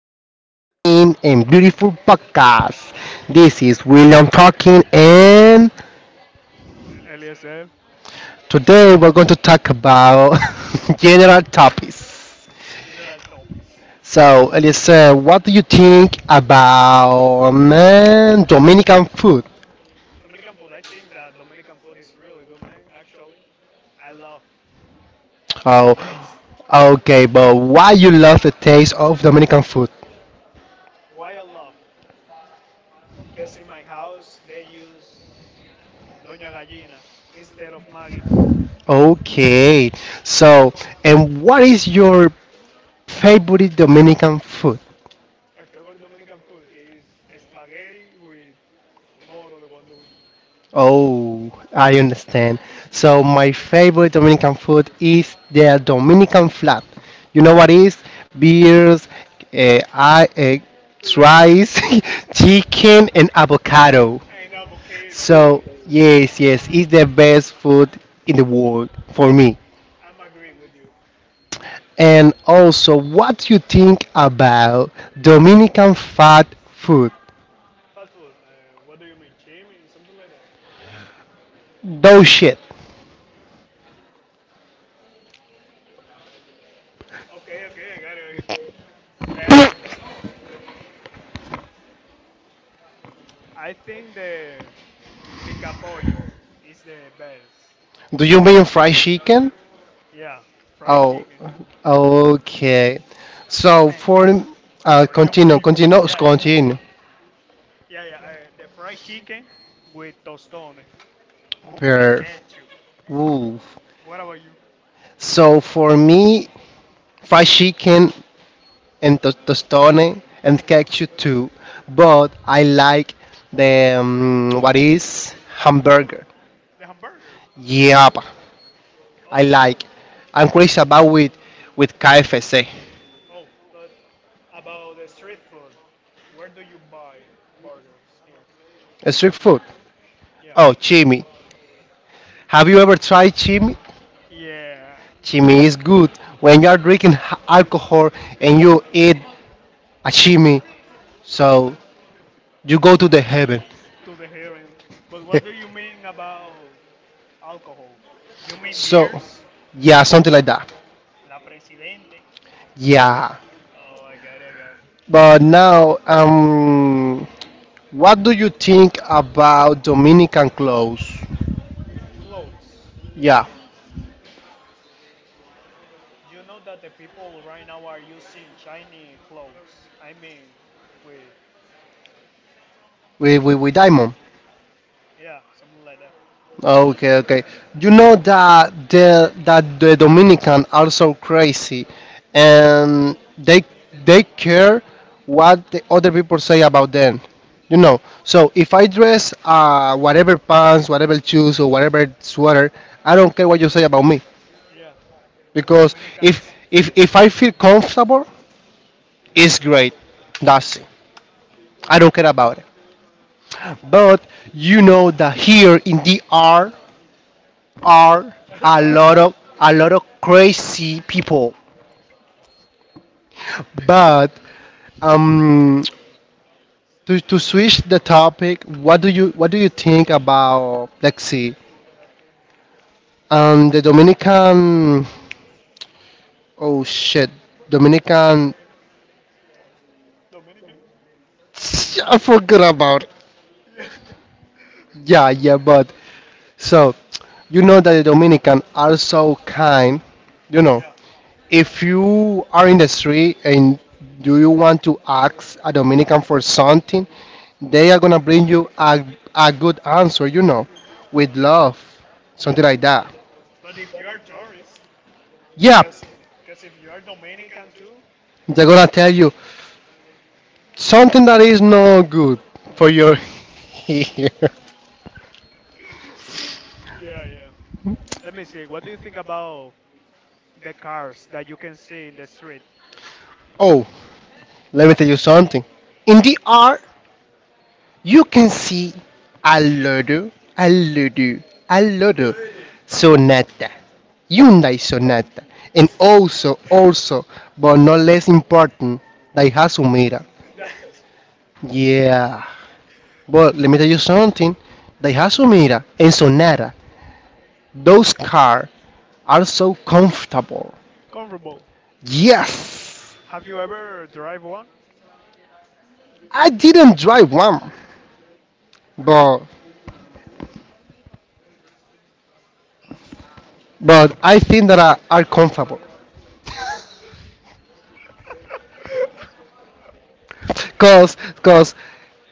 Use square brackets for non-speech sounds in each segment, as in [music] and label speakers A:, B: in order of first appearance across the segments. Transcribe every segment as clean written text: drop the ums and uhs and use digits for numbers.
A: amazing and beautiful podcast. This is William talking, and
B: LSL.
A: today we're going to talk about [laughs] general topics.
B: General topics.
A: So, Elisa, what do you think about Dominican food?
B: Dominican food. I think that Dominican food is really good, man. Actually, I love the
A: Oh,
B: taste.
A: okay, but why you love the taste of Dominican food?
B: Why I love? Because in my house they use Doña Gallina instead of Maggie.
A: Okay, so and what is your favorite Dominican food?
B: My favorite Dominican food is spaghetti with moro de guandul,
A: Oh, I understand. So my favorite Dominican food is the Dominican flat. You know what is? Beers,
B: rice
A: rice, [laughs] chicken, and avocado.
B: and avocado.
A: So
B: They,
A: yes, yes, it's the best food in the world for me.
B: I'm agree with you.
A: And also, what you think about Dominican fat food?
B: Fast food. What do you mean, chimi? Something like that.
A: Dough shit.
B: Okay, okay, I got it. [laughs] I got it. I think the Picapollo is the best.
A: Do you mean fried chicken?
B: Yeah, fried
A: Oh,
B: chicken.
A: okay. So,
B: And
A: for
B: for you, for
A: continue,
B: you.
A: continue,
B: Yeah, yeah,
A: continue.
B: yeah, yeah. The fried chicken with tostones and
A: Per,
B: ketchup.
A: ooh.
B: What about you?
A: So for me, fried chicken and tostone and ketchup too. But I like the what is hamburger.
B: The hamburger.
A: Yep, I
B: Oh,
A: like. I'm crazy about with KFC.
B: oh. But about the street food, where do you buy burgers here?
A: Street food.
B: Yeah,
A: Oh, chimi. Have you ever tried chimi?
B: yeah.
A: Chimney is good when you are drinking alcohol and you eat a chimney, so you go to the heaven.
B: To the heaven. But what do you mean
A: [laughs]
B: about alcohol? You mean
A: So,
B: beers?
A: yeah, something like that.
B: La Presidente.
A: Yeah.
B: Oh, I got it, I got it.
A: But now, what do you think about Dominican clothes?
B: Clothes.
A: Yeah,
B: You know that the people right now are using shiny clothes. I mean, with
A: with diamond.
B: yeah, something like that.
A: Oh, okay, okay. You know that the Dominican are so crazy, and they care what the other people say about them. You know. So if I dress whatever pants, whatever shoes, or whatever sweater, I don't care what you say about me
B: Yeah, but the
A: because if
B: Dominicans,
A: if if I feel comfortable, it's
B: that's it.
A: great. That's it. I don't care about it.
B: Ah,
A: But you know that here in DR are
B: [laughs]
A: a
B: are
A: lot of crazy people. But um, to switch the topic, what do you think about let's see, the Dominican? Oh shit, Dominican.
B: Dominican?
A: [tsk] I forgot about it.
B: Yeah,
A: Yeah, yeah, but so you know that the Dominican are so kind, you
B: [laughs]
A: know.
B: yeah,
A: If you are in the street and do you want to ask a Dominican for something, they are gonna bring you a good answer, with love,
B: yeah.
A: something like that.
B: But if you are tourist,
A: Yeah,
B: cause, 'cause if you are Dominican too,
A: they're gonna tell you something that is not good for your [laughs] ear.
B: yeah, yeah. Let me see. What do you think about the cars that you can see in the street?
A: Oh, let me tell you something. In the art, you can see a Lodo, a Lodo, a
B: [laughs] No
A: Lodo
B: idea.
A: Sonata, Hyundai Sonata, and but not less important, Daihatsu Mira.
B: That's
A: Yeah, but let me tell you something, Daihatsu Mira and Sonata, those cars are so comfortable.
B: comfortable.
A: Yes,
B: Have you ever drive one?
A: I didn't drive one, but I think that are comfortable. Cause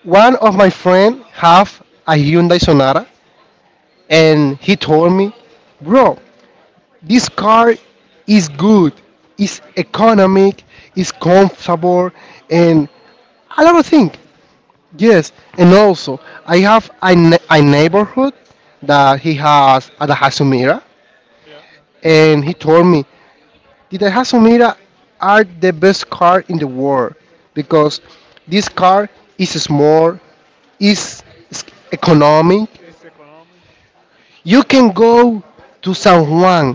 A: one of my friend have a Hyundai Sonata, and he told me, bro, this car is good, it's economic, it's comfortable, and a lot of things. Yes, and also I have a neighborhood that he has at the Hasumira,
B: Yeah,
A: and he told me, the Daihatsu Mira are the best car in the world because this car is small, is s- economic.
B: it's economic,
A: You can go to San Juan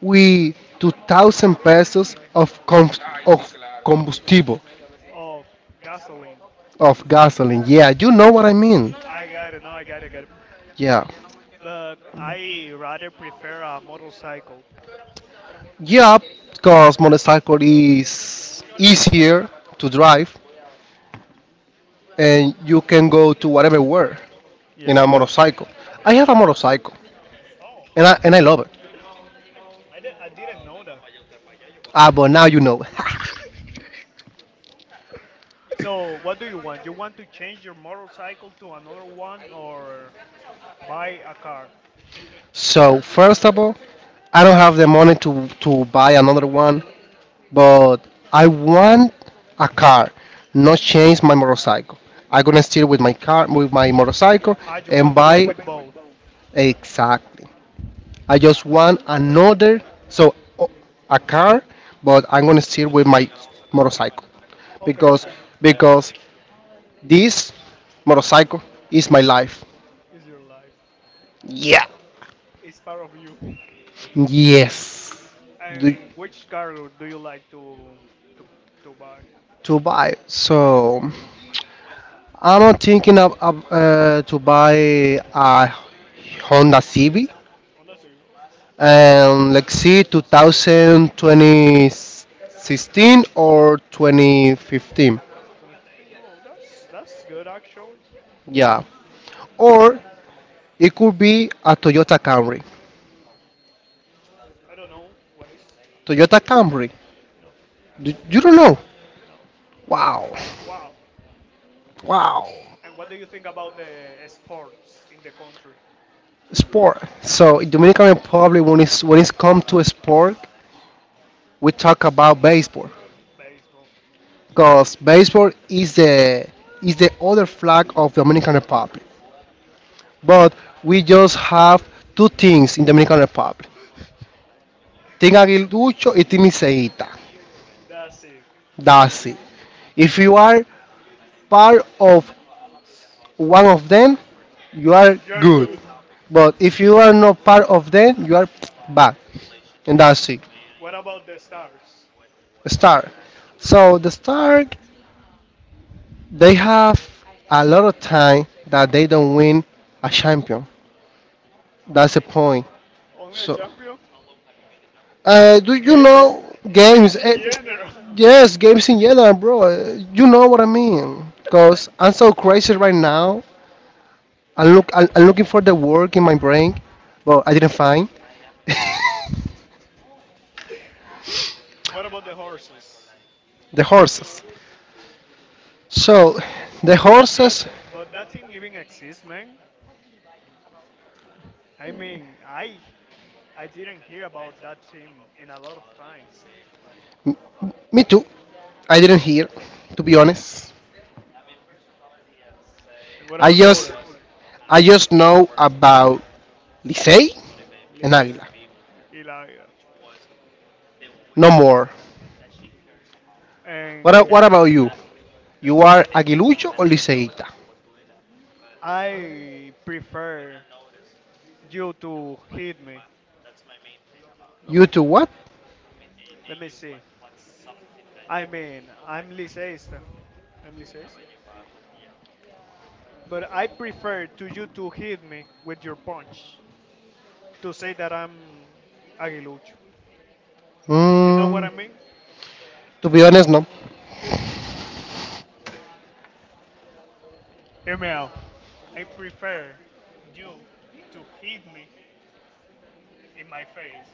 A: with 2,000 pesos of combustible,
B: of gasoline.
A: of gasoline. Yeah, you know what I mean.
B: I got it. No, I got it. I got it.
A: Yeah.
B: But I rather prefer a motorcycle.
A: Yeah, because motorcycle is easier to drive and you can go to whatever where in
B: Yeah.
A: a motorcycle. I have a motorcycle.
B: Oh,
A: And I love it.
B: I didn't know that.
A: Ah, but now you know.
B: So, what do you want? You want to change your motorcycle to another one or buy a car?
A: [laughs] So first of all, I don't have the money to buy another one, but I want a car, not change my motorcycle. I'm gonna still with my car, with my motorcycle,
B: I just
A: and
B: want to be
A: buy
B: with both.
A: exactly. I just want another, so a car, but I'm gonna still with my motorcycle
B: Okay,
A: because
B: okay.
A: because this motorcycle is my life.
B: It's your life.
A: Yeah.
B: It's part of you.
A: Yes, Do-
B: And which car do you like to to buy?
A: to buy. So I'm not thinking of to buy a Honda CB
B: Oh, that's a oh,
A: and let's see two thousand
B: twenty,
A: twenty sixteen or 2015.
B: 2015. Oh, that's good actually.
A: Yeah, or it could be a Toyota Camry.
B: I don't know what is.
A: Toyota Camry.
B: No.
A: You don't know.
B: No.
A: Wow,
B: Wow.
A: wow.
B: And what do you think about the sports in the country?
A: Sport. So in Dominican Republic, when it's come to a sport, we talk about baseball.
B: Baseball.
A: Because baseball is the other flag of Dominican Republic. But we just have two things in Dominican Republic: Team Aguilucho y Team Iseita.
B: That's it.
A: That's it. If you are part of one of them, you are
B: You're good.
A: good. But if you are not part of them, you are bad. And that's it.
B: What about the stars?
A: Star. So the Star, they have a lot of time that they don't win a champion. That's the point.
B: Only a
A: So.
B: champion?
A: Do you
B: Games.
A: know
B: Games
A: games?
B: in general. [laughs]
A: Yes, games in general, bro. You know what I mean?
B: And
A: Cause I'm so crazy right now. I'm looking for the work in my brain, but I didn't find [laughs]
B: what about the horses?
A: the horses. So, the
B: That thing,
A: horses.
B: but that thing even exists, man. I mean, I didn't hear about that team in a lot of time.
A: Me too. I didn't hear, to be honest.
B: And what
A: I
B: about the
A: just,
B: other?
A: I just know about Licey and
B: Lisa,
A: Águila.
B: Eli.
A: No more. What, a-
B: And
A: what about you? You are Aguilucho or Liceíta?
B: I prefer you to hit me. No,
A: You two what?
B: let me see. I mean, I'm Liceista. I'm Liceist. But I prefer to you to hit me with your punch to say that I'm aguilucho. You know what I
A: Mm.
B: mean?
A: To be honest, no.
B: [laughs] Hear me out. I prefer you to hit me in my face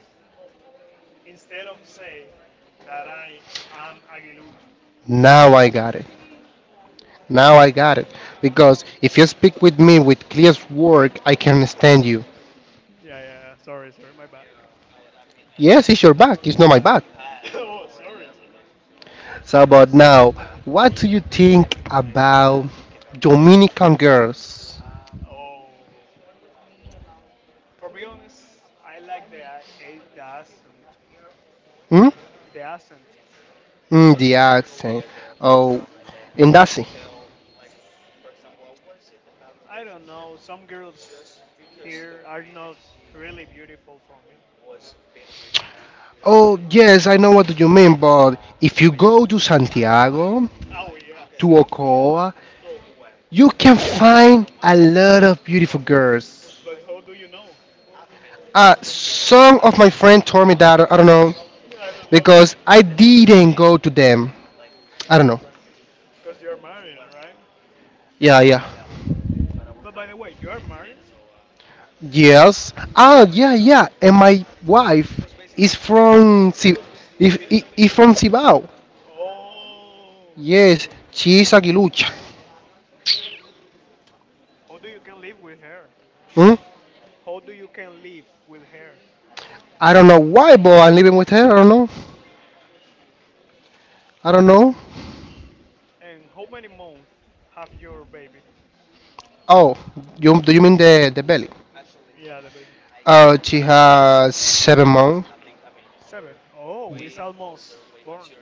B: instead of say that I am aguilucho. Yeah, yeah. Sorry, sorry. My bad. [laughs] Oh, sorry, sir.
A: So, but now, what do you think about Dominican girls?
B: Oh. For be honest, I like the accent.
A: Hmm?
B: The accent.
A: The accent. Oh, and that's it.
B: I don't know. Some girls here are not really beautiful for me.
A: Oh, yes, I know what you mean, but if you go to Santiago,
B: Oh yeah,
A: to
B: Santia.
A: Ocoa, you can find a lot of beautiful girls.
B: But how do you know?
A: Some of my friends told me that, I don't know,
B: [laughs] I don't know.
A: because I didn't go to them. I don't know.
B: Cause you're married, right?
A: Yeah, yeah.
B: But by the way, you are married.
A: Yes. Ah, yeah, yeah. And my wife is from. If
B: Oh. How do you can live with her? How do you can live with her? And how many months have your baby? Yeah, the baby. Seven. Oh, it's almost born,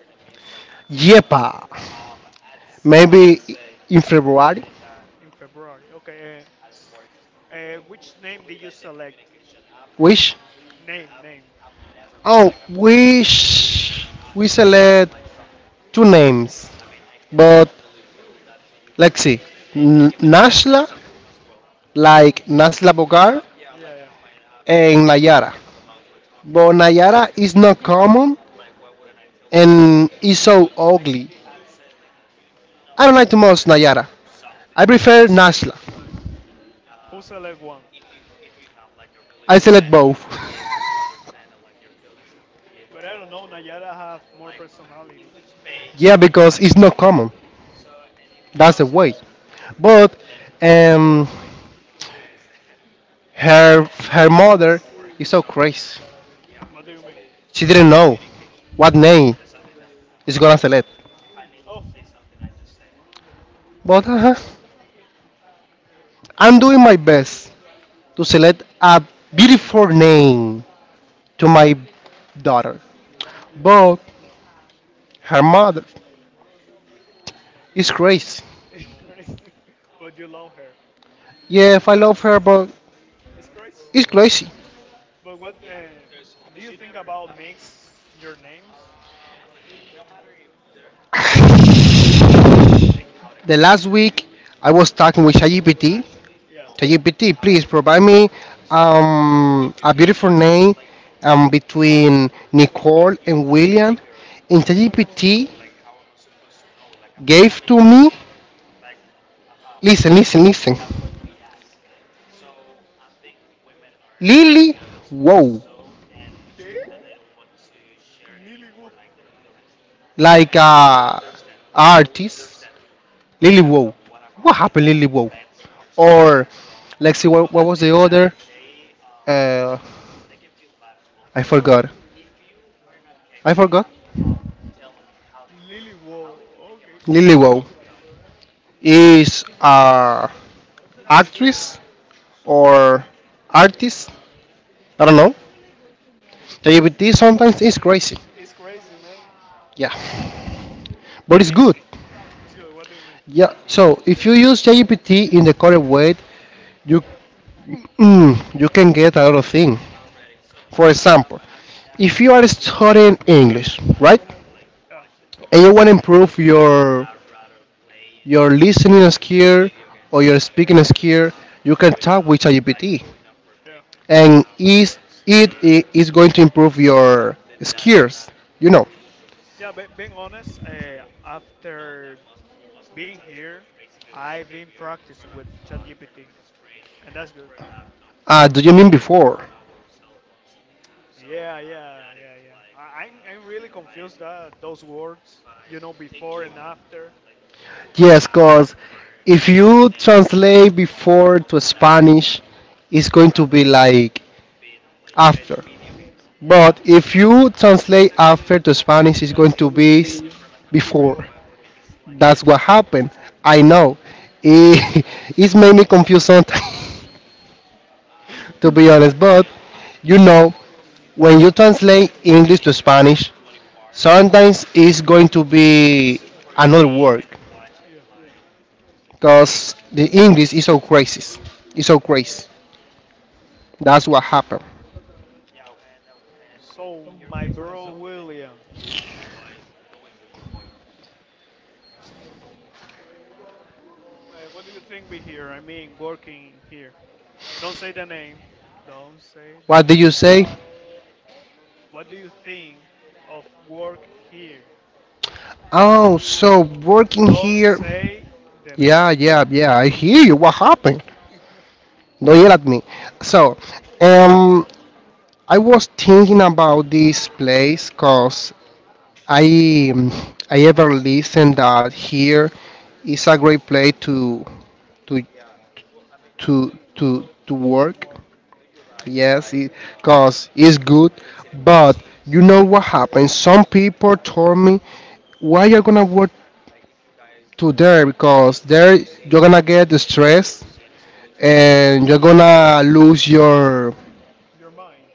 B: in February. Okay. Which name did you select? Name, name. Yeah, yeah. Who select one? But I don't know. Nayara have more personality. Yeah. What do you mean? Oh, [laughs] it's crazy. [laughs] But you love her. It's crazy. But what? Do you think about mix your names? Yeah. Okay. Lily Wolf. Lily Wolf. Okay. It's crazy, man. Let me see. It's good. What do you mean? Yeah. Yeah. Yeah, but being honest, after being here, I've been practicing with ChatGPT, and that's good. Yeah, yeah, yeah, yeah. I'm really confused that those words, you know, before and after. Yeah, Spanish is gonna be before. And that's yeah. So my bro William, what do you think be here? I mean, working here. Don't say the name. Don't say the name. What do you think of work here? Don't say the name to work. Your mind.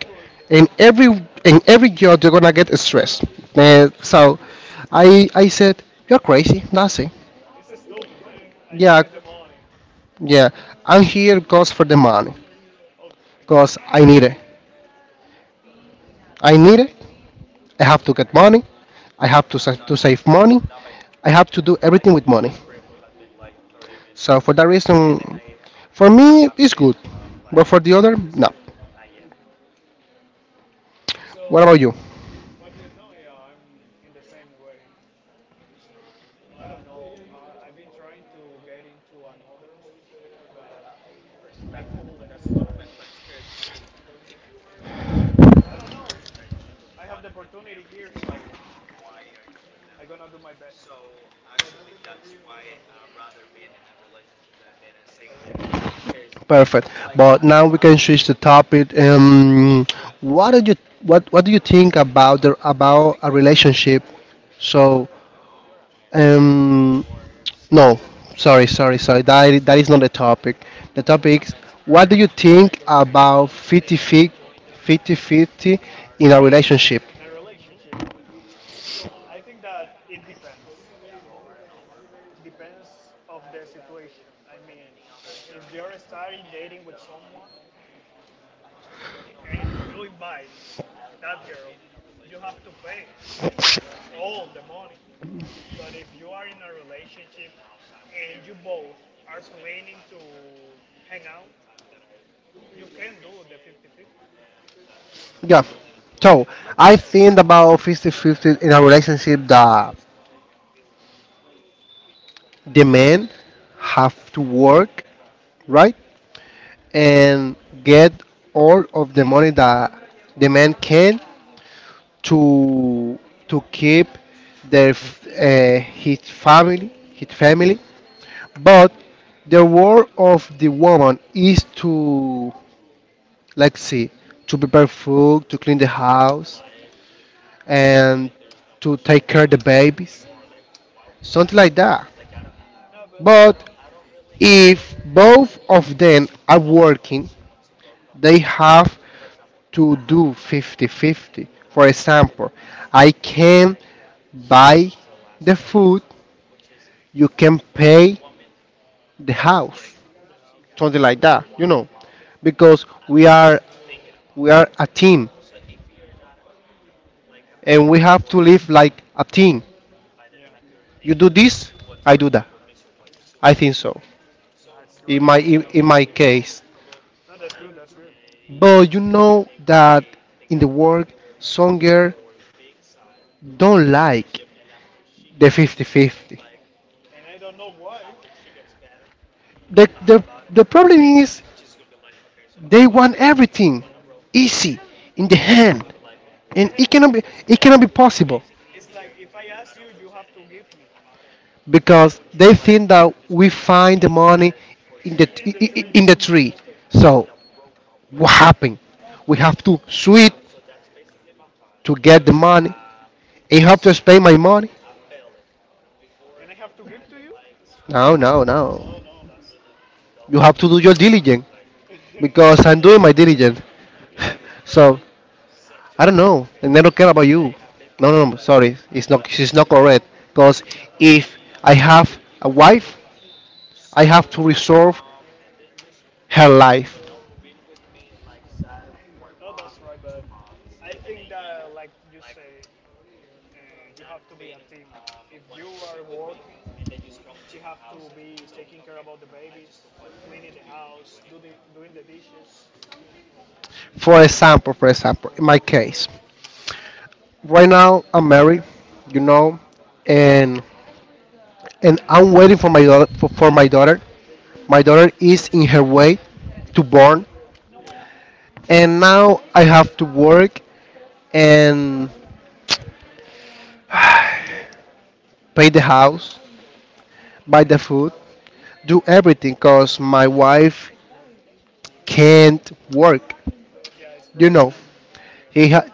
B: Work. It's stupid, man. I just need the money. Okay, I got it. Me too, me too. So, what do you know? Yeah, I'm in the same way. I don't know. I've been trying to get into another, but I couldn't. So, I don't know. I have the opportunity here, so I'm gonna do my best in a in a relationship. I think that it depends. Depends of the situation. I mean, if you're starting dating with someone and you invite that girl, you have to pay all the money. But if you are in a relationship and you both are planning to hang out, you can do the 50-50. But yeah, no, but the house, yeah, yeah, that's great actually. No, that's good, that's good. And I don't know why. Yeah, in the hand, it's like if I ask you, you have to give me. [laughs] In the trees, and I have to give to you? That's, no, no, that's no. [laughs] Yeah, no, that's right. But I think that, like you say, you have to be a team. If you are working, she have to be taking care about the babies, cleaning the house, doing the dishes. Yeah, yeah, it's pregnant. Yeah, it's pregnant.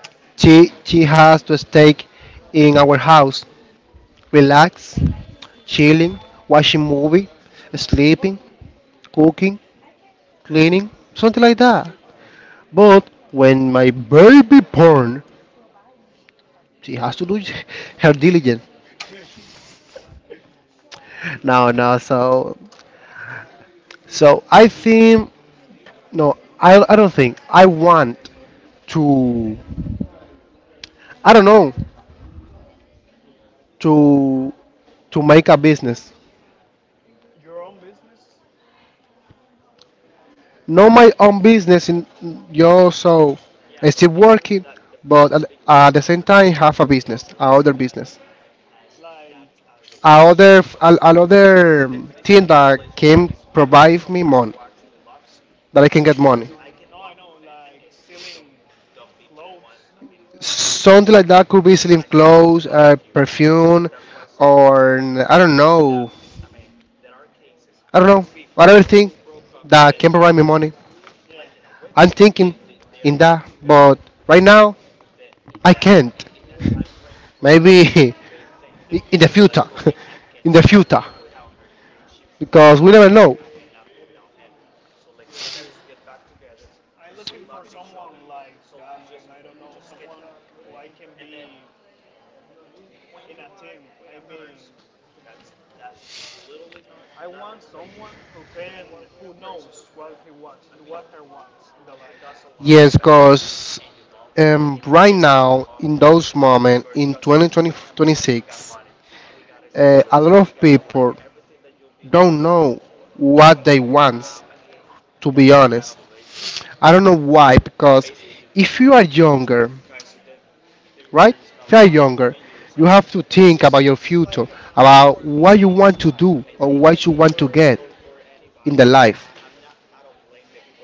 B: [laughs] Your own business, like selling. No, I know, like selling clothes. Uh, yeah, in the future. Yeah, I'm looking for someone like that, man. I don't know, someone who I can be in a team. I mean, I want someone who can, who knows what he wants, what her wants in the life, what they want. Yeah.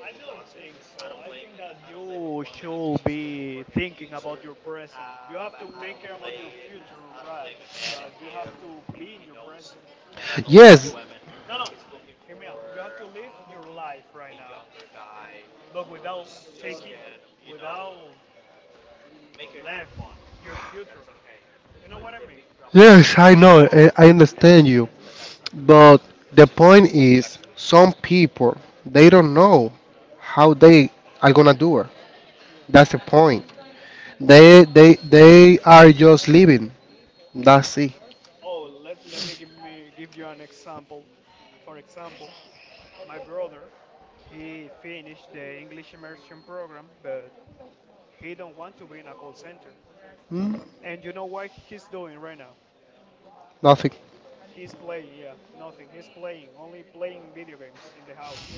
B: I don't think so. I think that you should be thinking about your present. You have to take care about your future, right? But you have to be in your present. You have to, no, no, I- Hear me out. You have to live your life right now, but without taking, without left your future. You know what I mean? Yeah. Oh, let me give you an example. For example, my brother, he finished the English immersion program, but he don't want to be in a call center. And you know what he's doing right now? He's playing, yeah, nothing. He's playing, only playing video games in the house.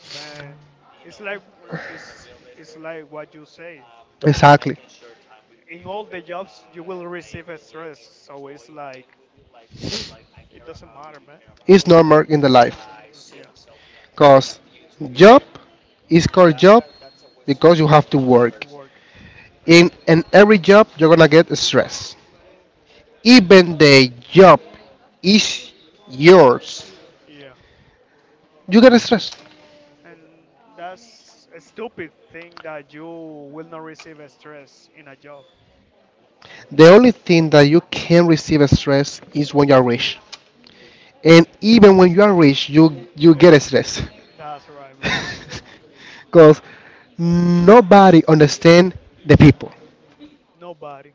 B: Man, it's like it's like what you say. In all the jobs, you will receive a stress, so it's like it doesn't matter, man. Yeah, to work. Yeah, and that's a stupid thing that you will not receive a stress in a job. Okay, that's right, man. Nobody.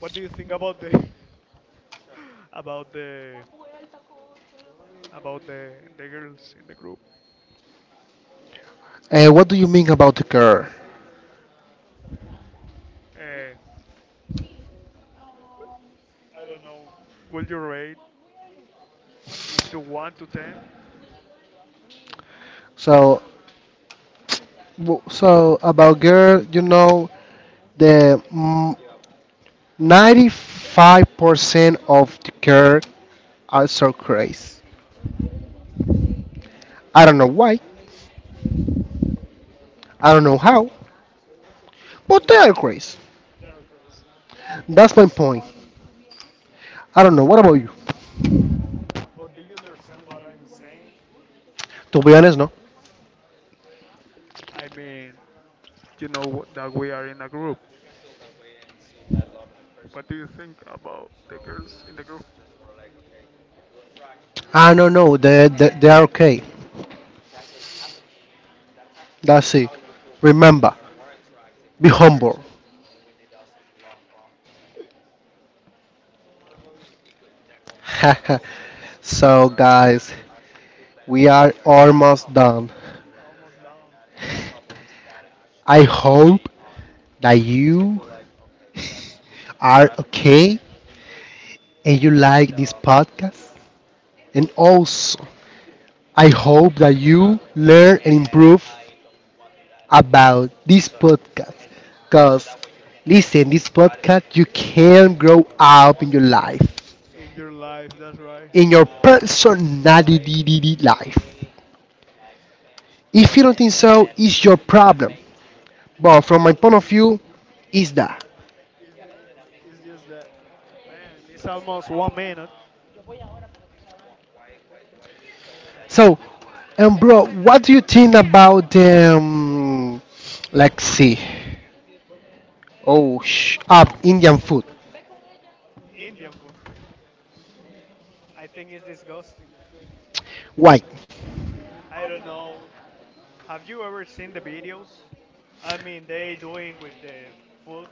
B: What do you think about the [laughs] about the about the girls in the group? Uh, I don't know. Will you rate into one to ten? That are crazy. But do you understand what I'm saying? I mean, that we are in a group. What do you think about the girls in the group? Almost down. Okay. In your life, that's right. Is that? It's just that. Man, it's almost 1 minute. Indian food. I think it's disgusting. I don't know. Have you ever seen the videos? I mean, they doing with the food.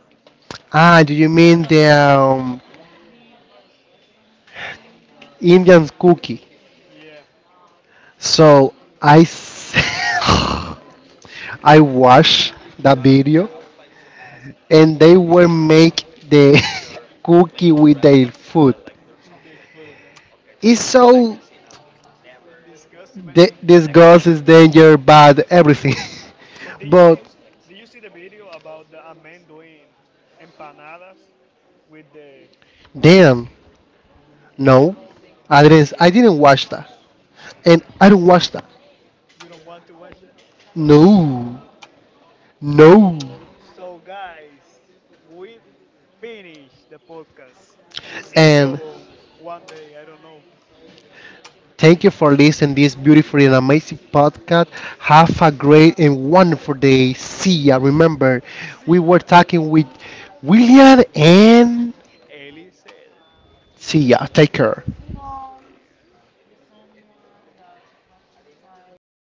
B: Yeah, with the food, man. Disgusting, man. And But did you see the video about the a man doing empanadas with the yeah yeah you don't want to watch that? So guys, we finished the podcast. See you one day, I don't know. See ya, Ellie said. Yeah.